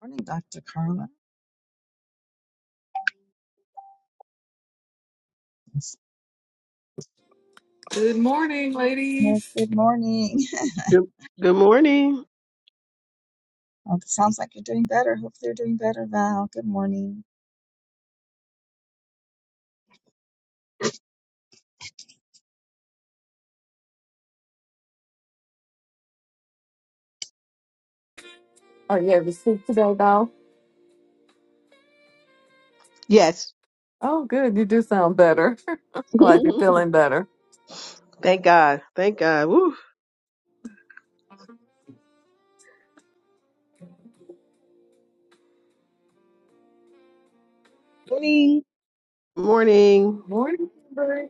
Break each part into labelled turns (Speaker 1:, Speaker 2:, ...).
Speaker 1: Morning, Dr. Carla.
Speaker 2: Good morning,
Speaker 1: Well,
Speaker 2: ladies.
Speaker 1: good morning.
Speaker 3: Good, good morning.
Speaker 1: Oh, it sounds like you're doing better. Hopefully, you're doing better, Val. Good morning.
Speaker 2: Are you ever sick today, though?
Speaker 3: Yes.
Speaker 2: Oh, good. You do sound better. Glad you're feeling better.
Speaker 3: Thank God. Thank God. Woo.
Speaker 4: Morning.
Speaker 3: morning.
Speaker 2: Morning, everybody.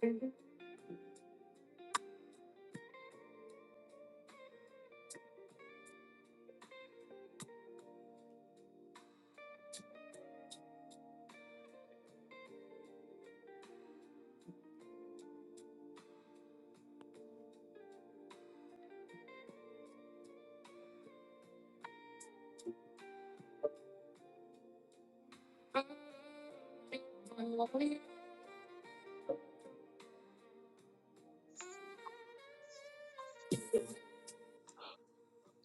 Speaker 2: We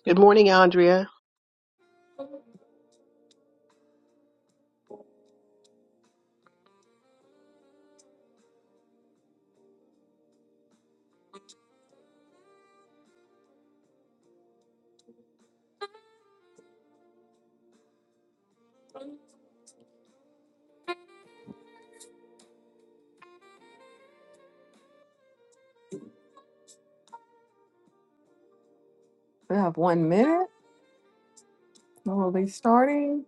Speaker 3: Good morning, Andrea. Thank
Speaker 2: have one minute. We'll be starting.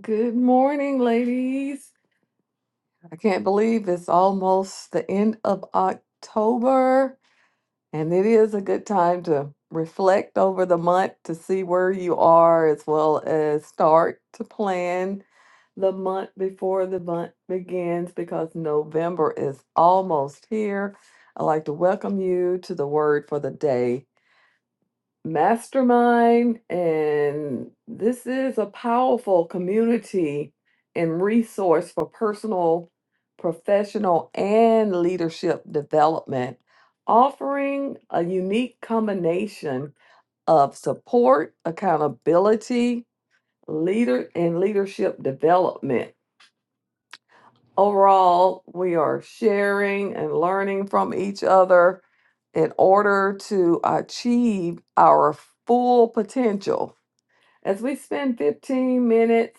Speaker 2: Good morning, ladies. I can't believe it's almost the end of October, and it is a good time to reflect over the month to see where you are as well as start to plan. the month before the month begins because November is almost here. I'd like to welcome you to the word for the day mastermind. And this is a powerful community and resource for personal, professional, and leadership development, offering a unique combination of support, accountability, leader, and leadership development. Overall, we are sharing and learning from each other in order to achieve our full potential. As we spend 15 minutes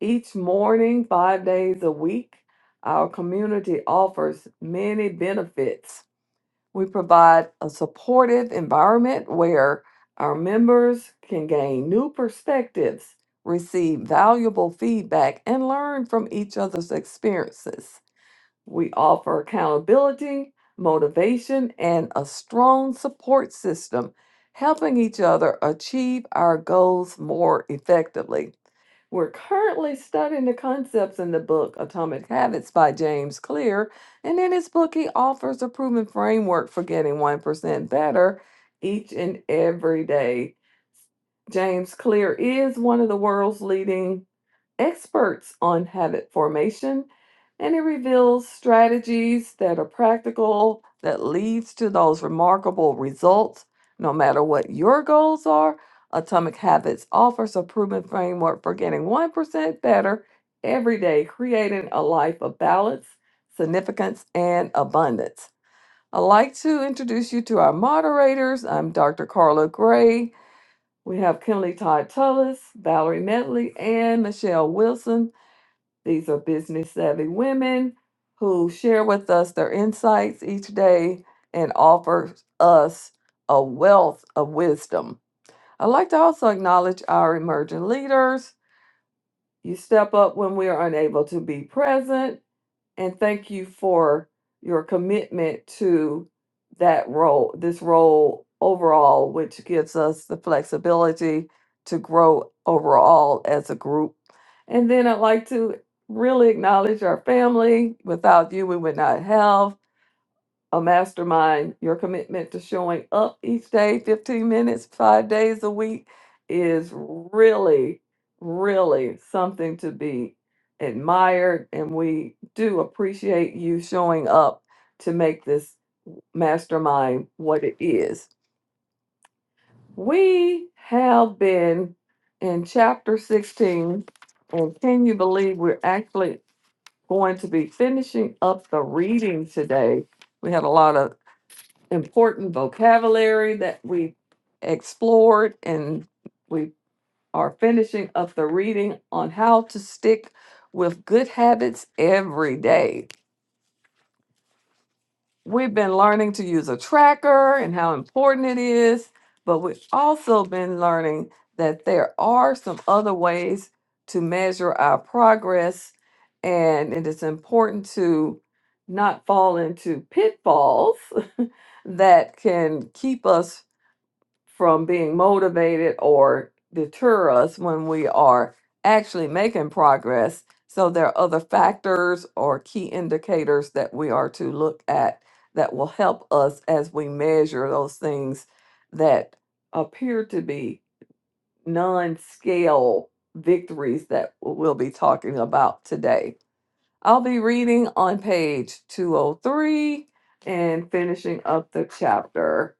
Speaker 2: each morning, five days a week, our community offers many benefits. We provide a supportive environment where our members can gain new perspectives, receive valuable feedback, and learn from each other's experiences. We offer accountability, motivation, and a strong support system, helping each other achieve our goals more effectively. We're currently studying the concepts in the book Atomic Habits by James Clear, and in his book, he offers a proven framework for getting 1% better each and every day. James Clear is one of the world's leading experts on habit formation and it reveals strategies that are practical that leads to those remarkable results no matter what your goals are atomic habits offers a proven framework for getting 1% better every day creating a life of balance significance and abundance i'd like to introduce you to our moderators i'm dr carla gray we have Kimberly Todd Tullis, Valerie Medley, and Michelle Wilson these are business savvy women who share with us their insights each day and offer us a wealth of wisdom. I'd like to also acknowledge our emerging leaders. You step up when we are unable to be present and thank you for your commitment to that role, this role overall, which gives us the flexibility to grow overall as a group. And then I'd like to really acknowledge our family. Without you, we would not have a mastermind, your commitment to showing up each day, 15 minutes, five days a week, is really, really something to be admired. And we do appreciate you showing up to make this mastermind what it is. We have been in chapter 16, and can you believe we're actually going to be finishing up the reading today? We had a lot of important vocabulary that we explored and we are finishing up the reading on how to stick with good habits every day. We've been learning to use a tracker and how important it is, but we've also been learning that there are some other ways to measure our progress and it is important to not fall into pitfalls that can keep us from being motivated or deter us when we are actually making progress. So there are other factors or key indicators that we are to look at that will help us as we measure those things that appear to be non-scale victories that we'll be talking about today. I'll be reading on page 203 and finishing up the chapter.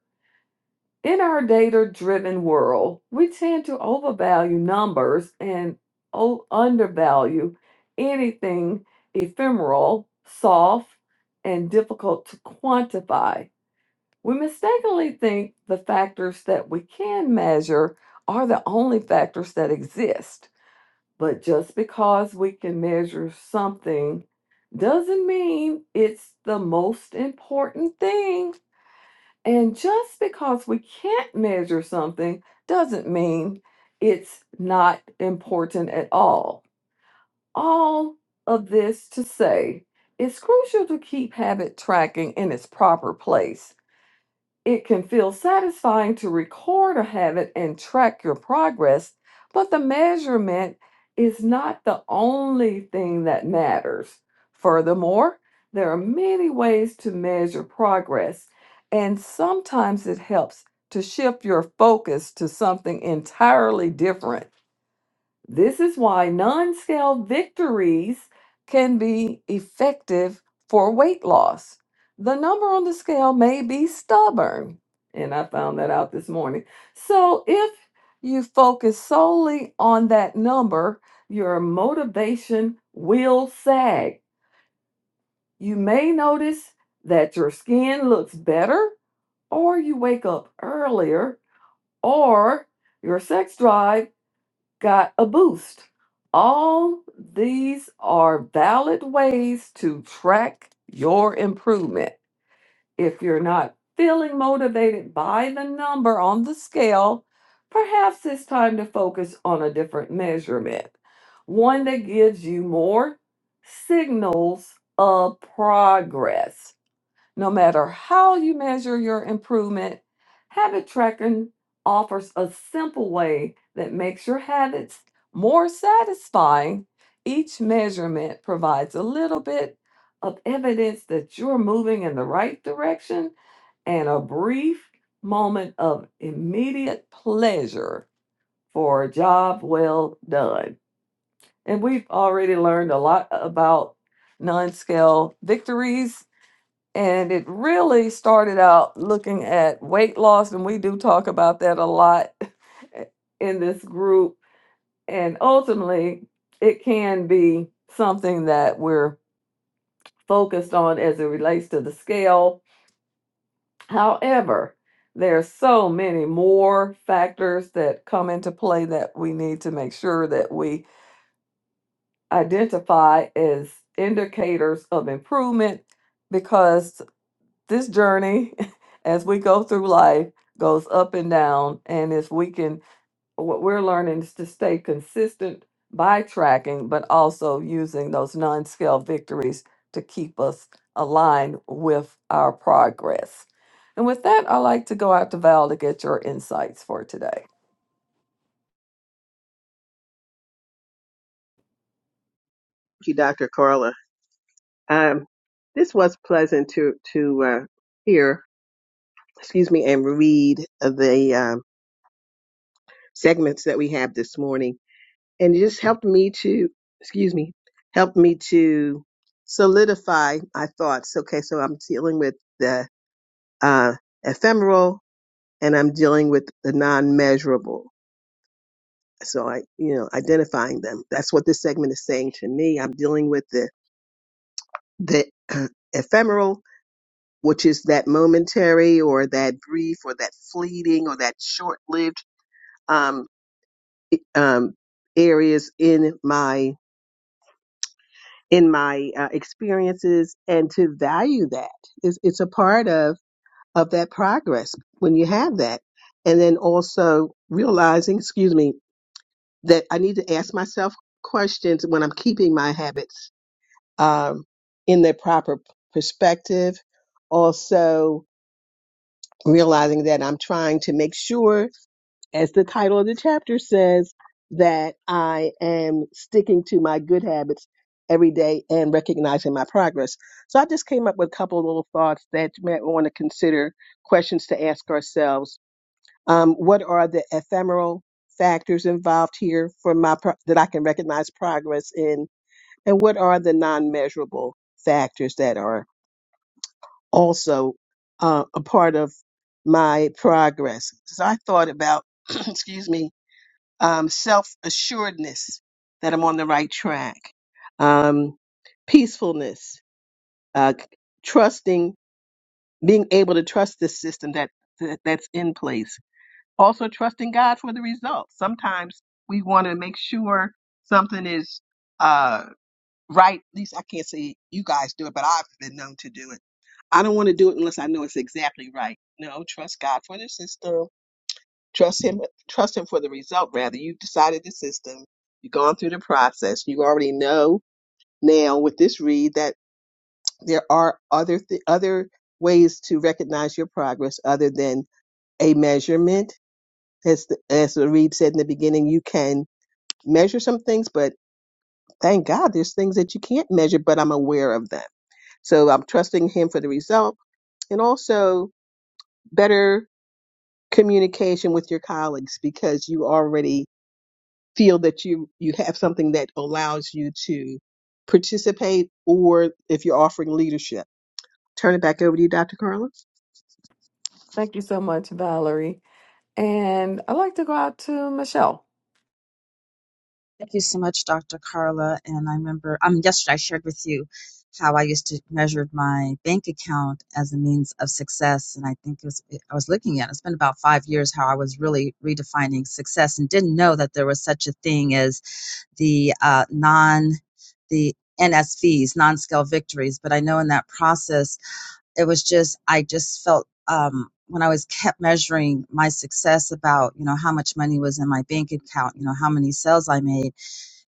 Speaker 2: In our data driven world, we tend to overvalue numbers and o- undervalue anything ephemeral, soft, and difficult to quantify. We mistakenly think the factors that we can measure are the only factors that exist. But just because we can measure something doesn't mean it's the most important thing. And just because we can't measure something doesn't mean it's not important at all. All of this to say, it's crucial to keep habit tracking in its proper place it can feel satisfying to record a habit and track your progress, but the measurement is not the only thing that matters. Furthermore, there are many ways to measure progress, and sometimes it helps to shift your focus to something entirely different this is why non scale victories can be effective for weight loss. The number on the scale may be stubborn, and I found that out this morning. So, if you focus solely on that number, your motivation will sag. You may notice that your skin looks better, or you wake up earlier, or your sex drive got a boost. All these are valid ways to track your improvement. If you're not feeling motivated by the number on the scale, perhaps it's time to focus on a different measurement, one that gives you more signals of progress. No matter how you measure your improvement, habit tracking offers a simple way that makes your habits more satisfying. Each measurement provides a little bit of evidence that you're moving in the right direction and a brief moment of immediate pleasure for a job well done. And we've already learned a lot about non scale victories and it really started out looking at weight loss and we do talk about that a lot in this group and ultimately it can be something that we're focused on as it relates to the scale however there are so many more factors that come into play that we need to make sure that we identify as indicators of improvement because. this journey as we go through life goes up and down and if we can what we're learning is to stay consistent by tracking but also using those non-scale victories to keep us aligned with our progress and with that i'd like to go out to val to get your insights for today
Speaker 3: you, Dr. Carla. Um, this was pleasant to to uh, hear, excuse me, and read the um, segments that we have this morning, and it just helped me to, excuse me, helped me to solidify my thoughts. Okay, so I'm dealing with the uh, ephemeral, and I'm dealing with the non-measurable. so i you know identifying them that's what this segment is saying to me i'm dealing with the the uh, ephemeral which is that momentary or that brief or that fleeting or that short-lived um, um, areas in my in my uh, experiences and to value that is it's a part of of that progress when you have that and then also realizing excuse me that i need to ask myself questions when i'm keeping my habits um, in their proper p- perspective. Also, realizing that I'm trying to make sure, as the title of the chapter says, that I am sticking to my good habits every day and recognizing my progress. So I just came up with a couple of little thoughts that you might want to consider questions to ask ourselves. Um, what are the ephemeral factors involved here for my pro- that I can recognize progress in? And what are the non measurable factors that are also uh, a part of my progress? So I thought about, excuse me, um, self assuredness that I'm on the right track, um, peacefulness, uh, trusting, being able to trust this system that, that that's in place. Also, trusting God for the results. Sometimes we want to make sure something is. uh, right? At least I can't say you guys do it, but I've been known to do it. I don't want to do it unless I know it's exactly right. No, trust God for the system. Trust Him. Trust Him for the result. Rather, you've decided the system. You've gone through the process. You already know now with this read that there are other th- other ways to recognize your progress other than a measurement. As the, as the read said in the beginning, you can measure some things, but thank God there's things that you can't measure, but I'm aware of them So I'm trusting him for the result and also better communication with your colleagues because you already feel that you, you have something that allows you to participate or if you're offering leadership. Turn it back over to you, Dr. Carla.
Speaker 2: Thank you so much, Valerie. And I'd like to go out to Michelle.
Speaker 1: Thank you so much, Dr. Carla. And I remember, um, yesterday I shared with you how I used to measure my bank account as a means of success. And I think it was, I was looking at, it's been about five years how I was really redefining success and didn't know that there was such a thing as the uh, non, the NSVs, non-scale victories. But I know in that process, it was just i just felt um when i was kept measuring my success about you know how much money was in my bank account you know how many sales i made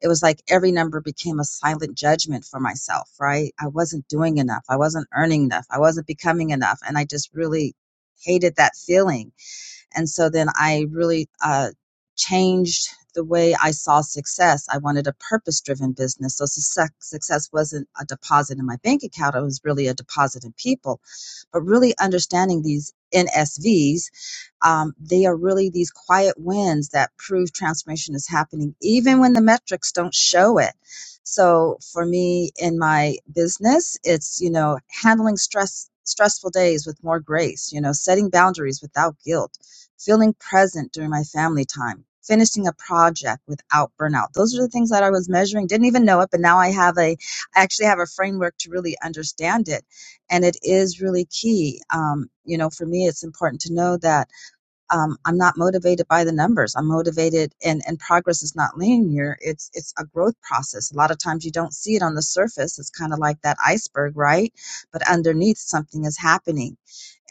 Speaker 1: it was like every number became a silent judgment for myself right i wasn't doing enough i wasn't earning enough i wasn't becoming enough and i just really hated that feeling and so then I really uh, changed the way I saw success. I wanted a purpose driven business. So success, success wasn't a deposit in my bank account, it was really a deposit in people. But really understanding these NSVs, um, they are really these quiet wins that prove transformation is happening, even when the metrics don't show it. So for me in my business, it's, you know, handling stress, stressful days with more grace, you know, setting boundaries without guilt feeling present during my family time, finishing a project without burnout. Those are the things that I was measuring. Didn't even know it, but now I have a, I actually have a framework to really understand it. And it is really key. Um, you know, for me, it's important to know that um, I'm not motivated by the numbers. I'm motivated, and and progress is not linear. It's it's a growth process. A lot of times you don't see it on the surface. It's kind of like that iceberg, right? But underneath, something is happening.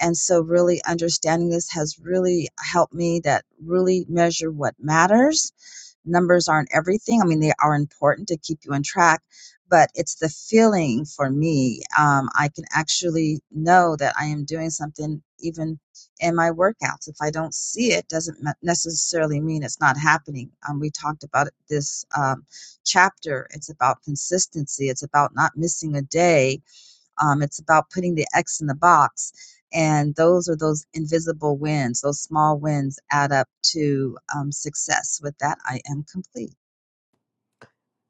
Speaker 1: And so, really understanding this has really helped me. That really measure what matters numbers aren't everything. I mean, they are important to keep you on track, but it's the feeling for me. Um, I can actually know that I am doing something even in my workouts. If I don't see it, doesn't me- necessarily mean it's not happening. Um, we talked about it this um, chapter. It's about consistency. It's about not missing a day um, it's about putting the X in the box. And those are those invisible wins, those small wins add up to um, success. With that, I am complete.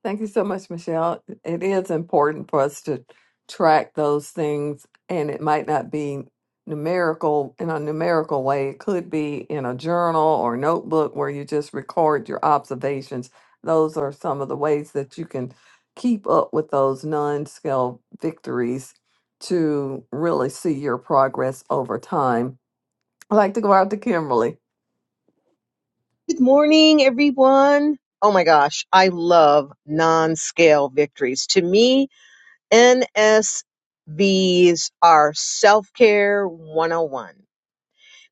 Speaker 2: Thank you so much, Michelle. It is important for us to track those things, and it might not be numerical in a numerical way. It could be in a journal or notebook where you just record your observations. Those are some of the ways that you can keep up with those non scale victories to really see your progress over time. I'd like to go out to Kimberly.
Speaker 4: Good morning, everyone. Oh my gosh, I love non scale victories. To me, NSVs are self care 101.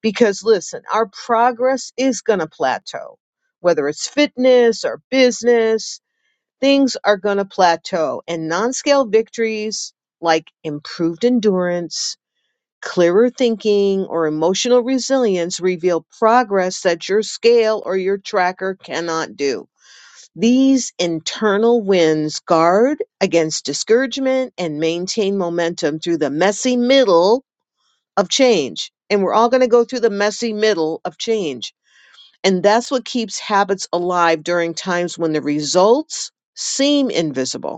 Speaker 4: Because listen, our progress is going to plateau, whether it's fitness or business, things are going to plateau. And non scale victories like improved endurance, Clearer thinking or emotional resilience reveal progress that your scale or your tracker cannot do. These internal wins guard against discouragement and maintain momentum through the messy middle of change. And we're all going to go through the messy middle of change. And that's what keeps habits alive during times when the results seem invisible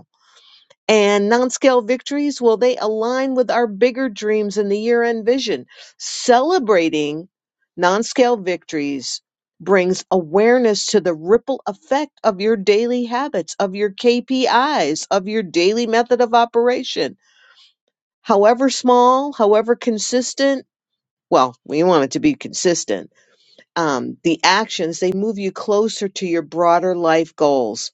Speaker 4: and non-scale victories well they align with our bigger dreams and the year-end vision celebrating non-scale victories brings awareness to the ripple effect of your daily habits of your kpis of your daily method of operation however small however consistent well we want it to be consistent um, the actions they move you closer to your broader life goals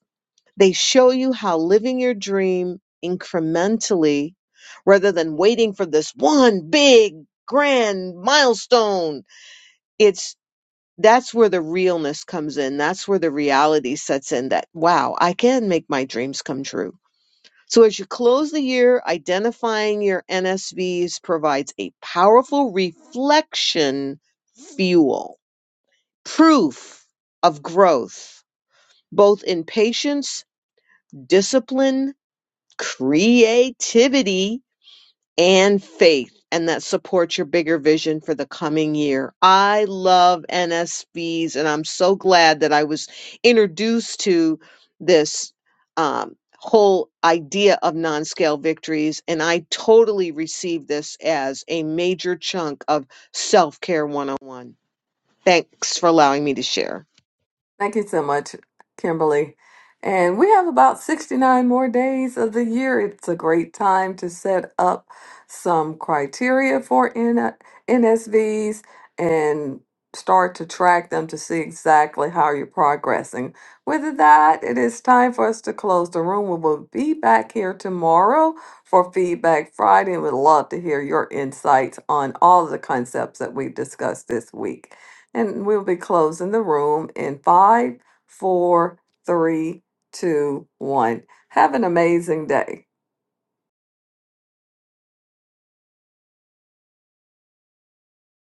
Speaker 4: they show you how living your dream incrementally rather than waiting for this one big grand milestone. It's that's where the realness comes in. That's where the reality sets in that wow, I can make my dreams come true. So as you close the year, identifying your NSVs provides a powerful reflection fuel, proof of growth, both in patience, discipline, creativity and faith and that supports your bigger vision for the coming year. I love NSVs and I'm so glad that I was introduced to this um, whole idea of non-scale victories and I totally receive this as a major chunk of self-care 101. Thanks for allowing me to share.
Speaker 2: Thank you so much, Kimberly. And we have about 69 more days of the year. It's a great time to set up some criteria for N- NSVs and start to track them to see exactly how you're progressing. With that, it is time for us to close the room. We will be back here tomorrow for Feedback Friday and would love to hear your insights on all of the concepts that we've discussed this week. And we'll be closing the room in five, four, three, two, one. Have an amazing day.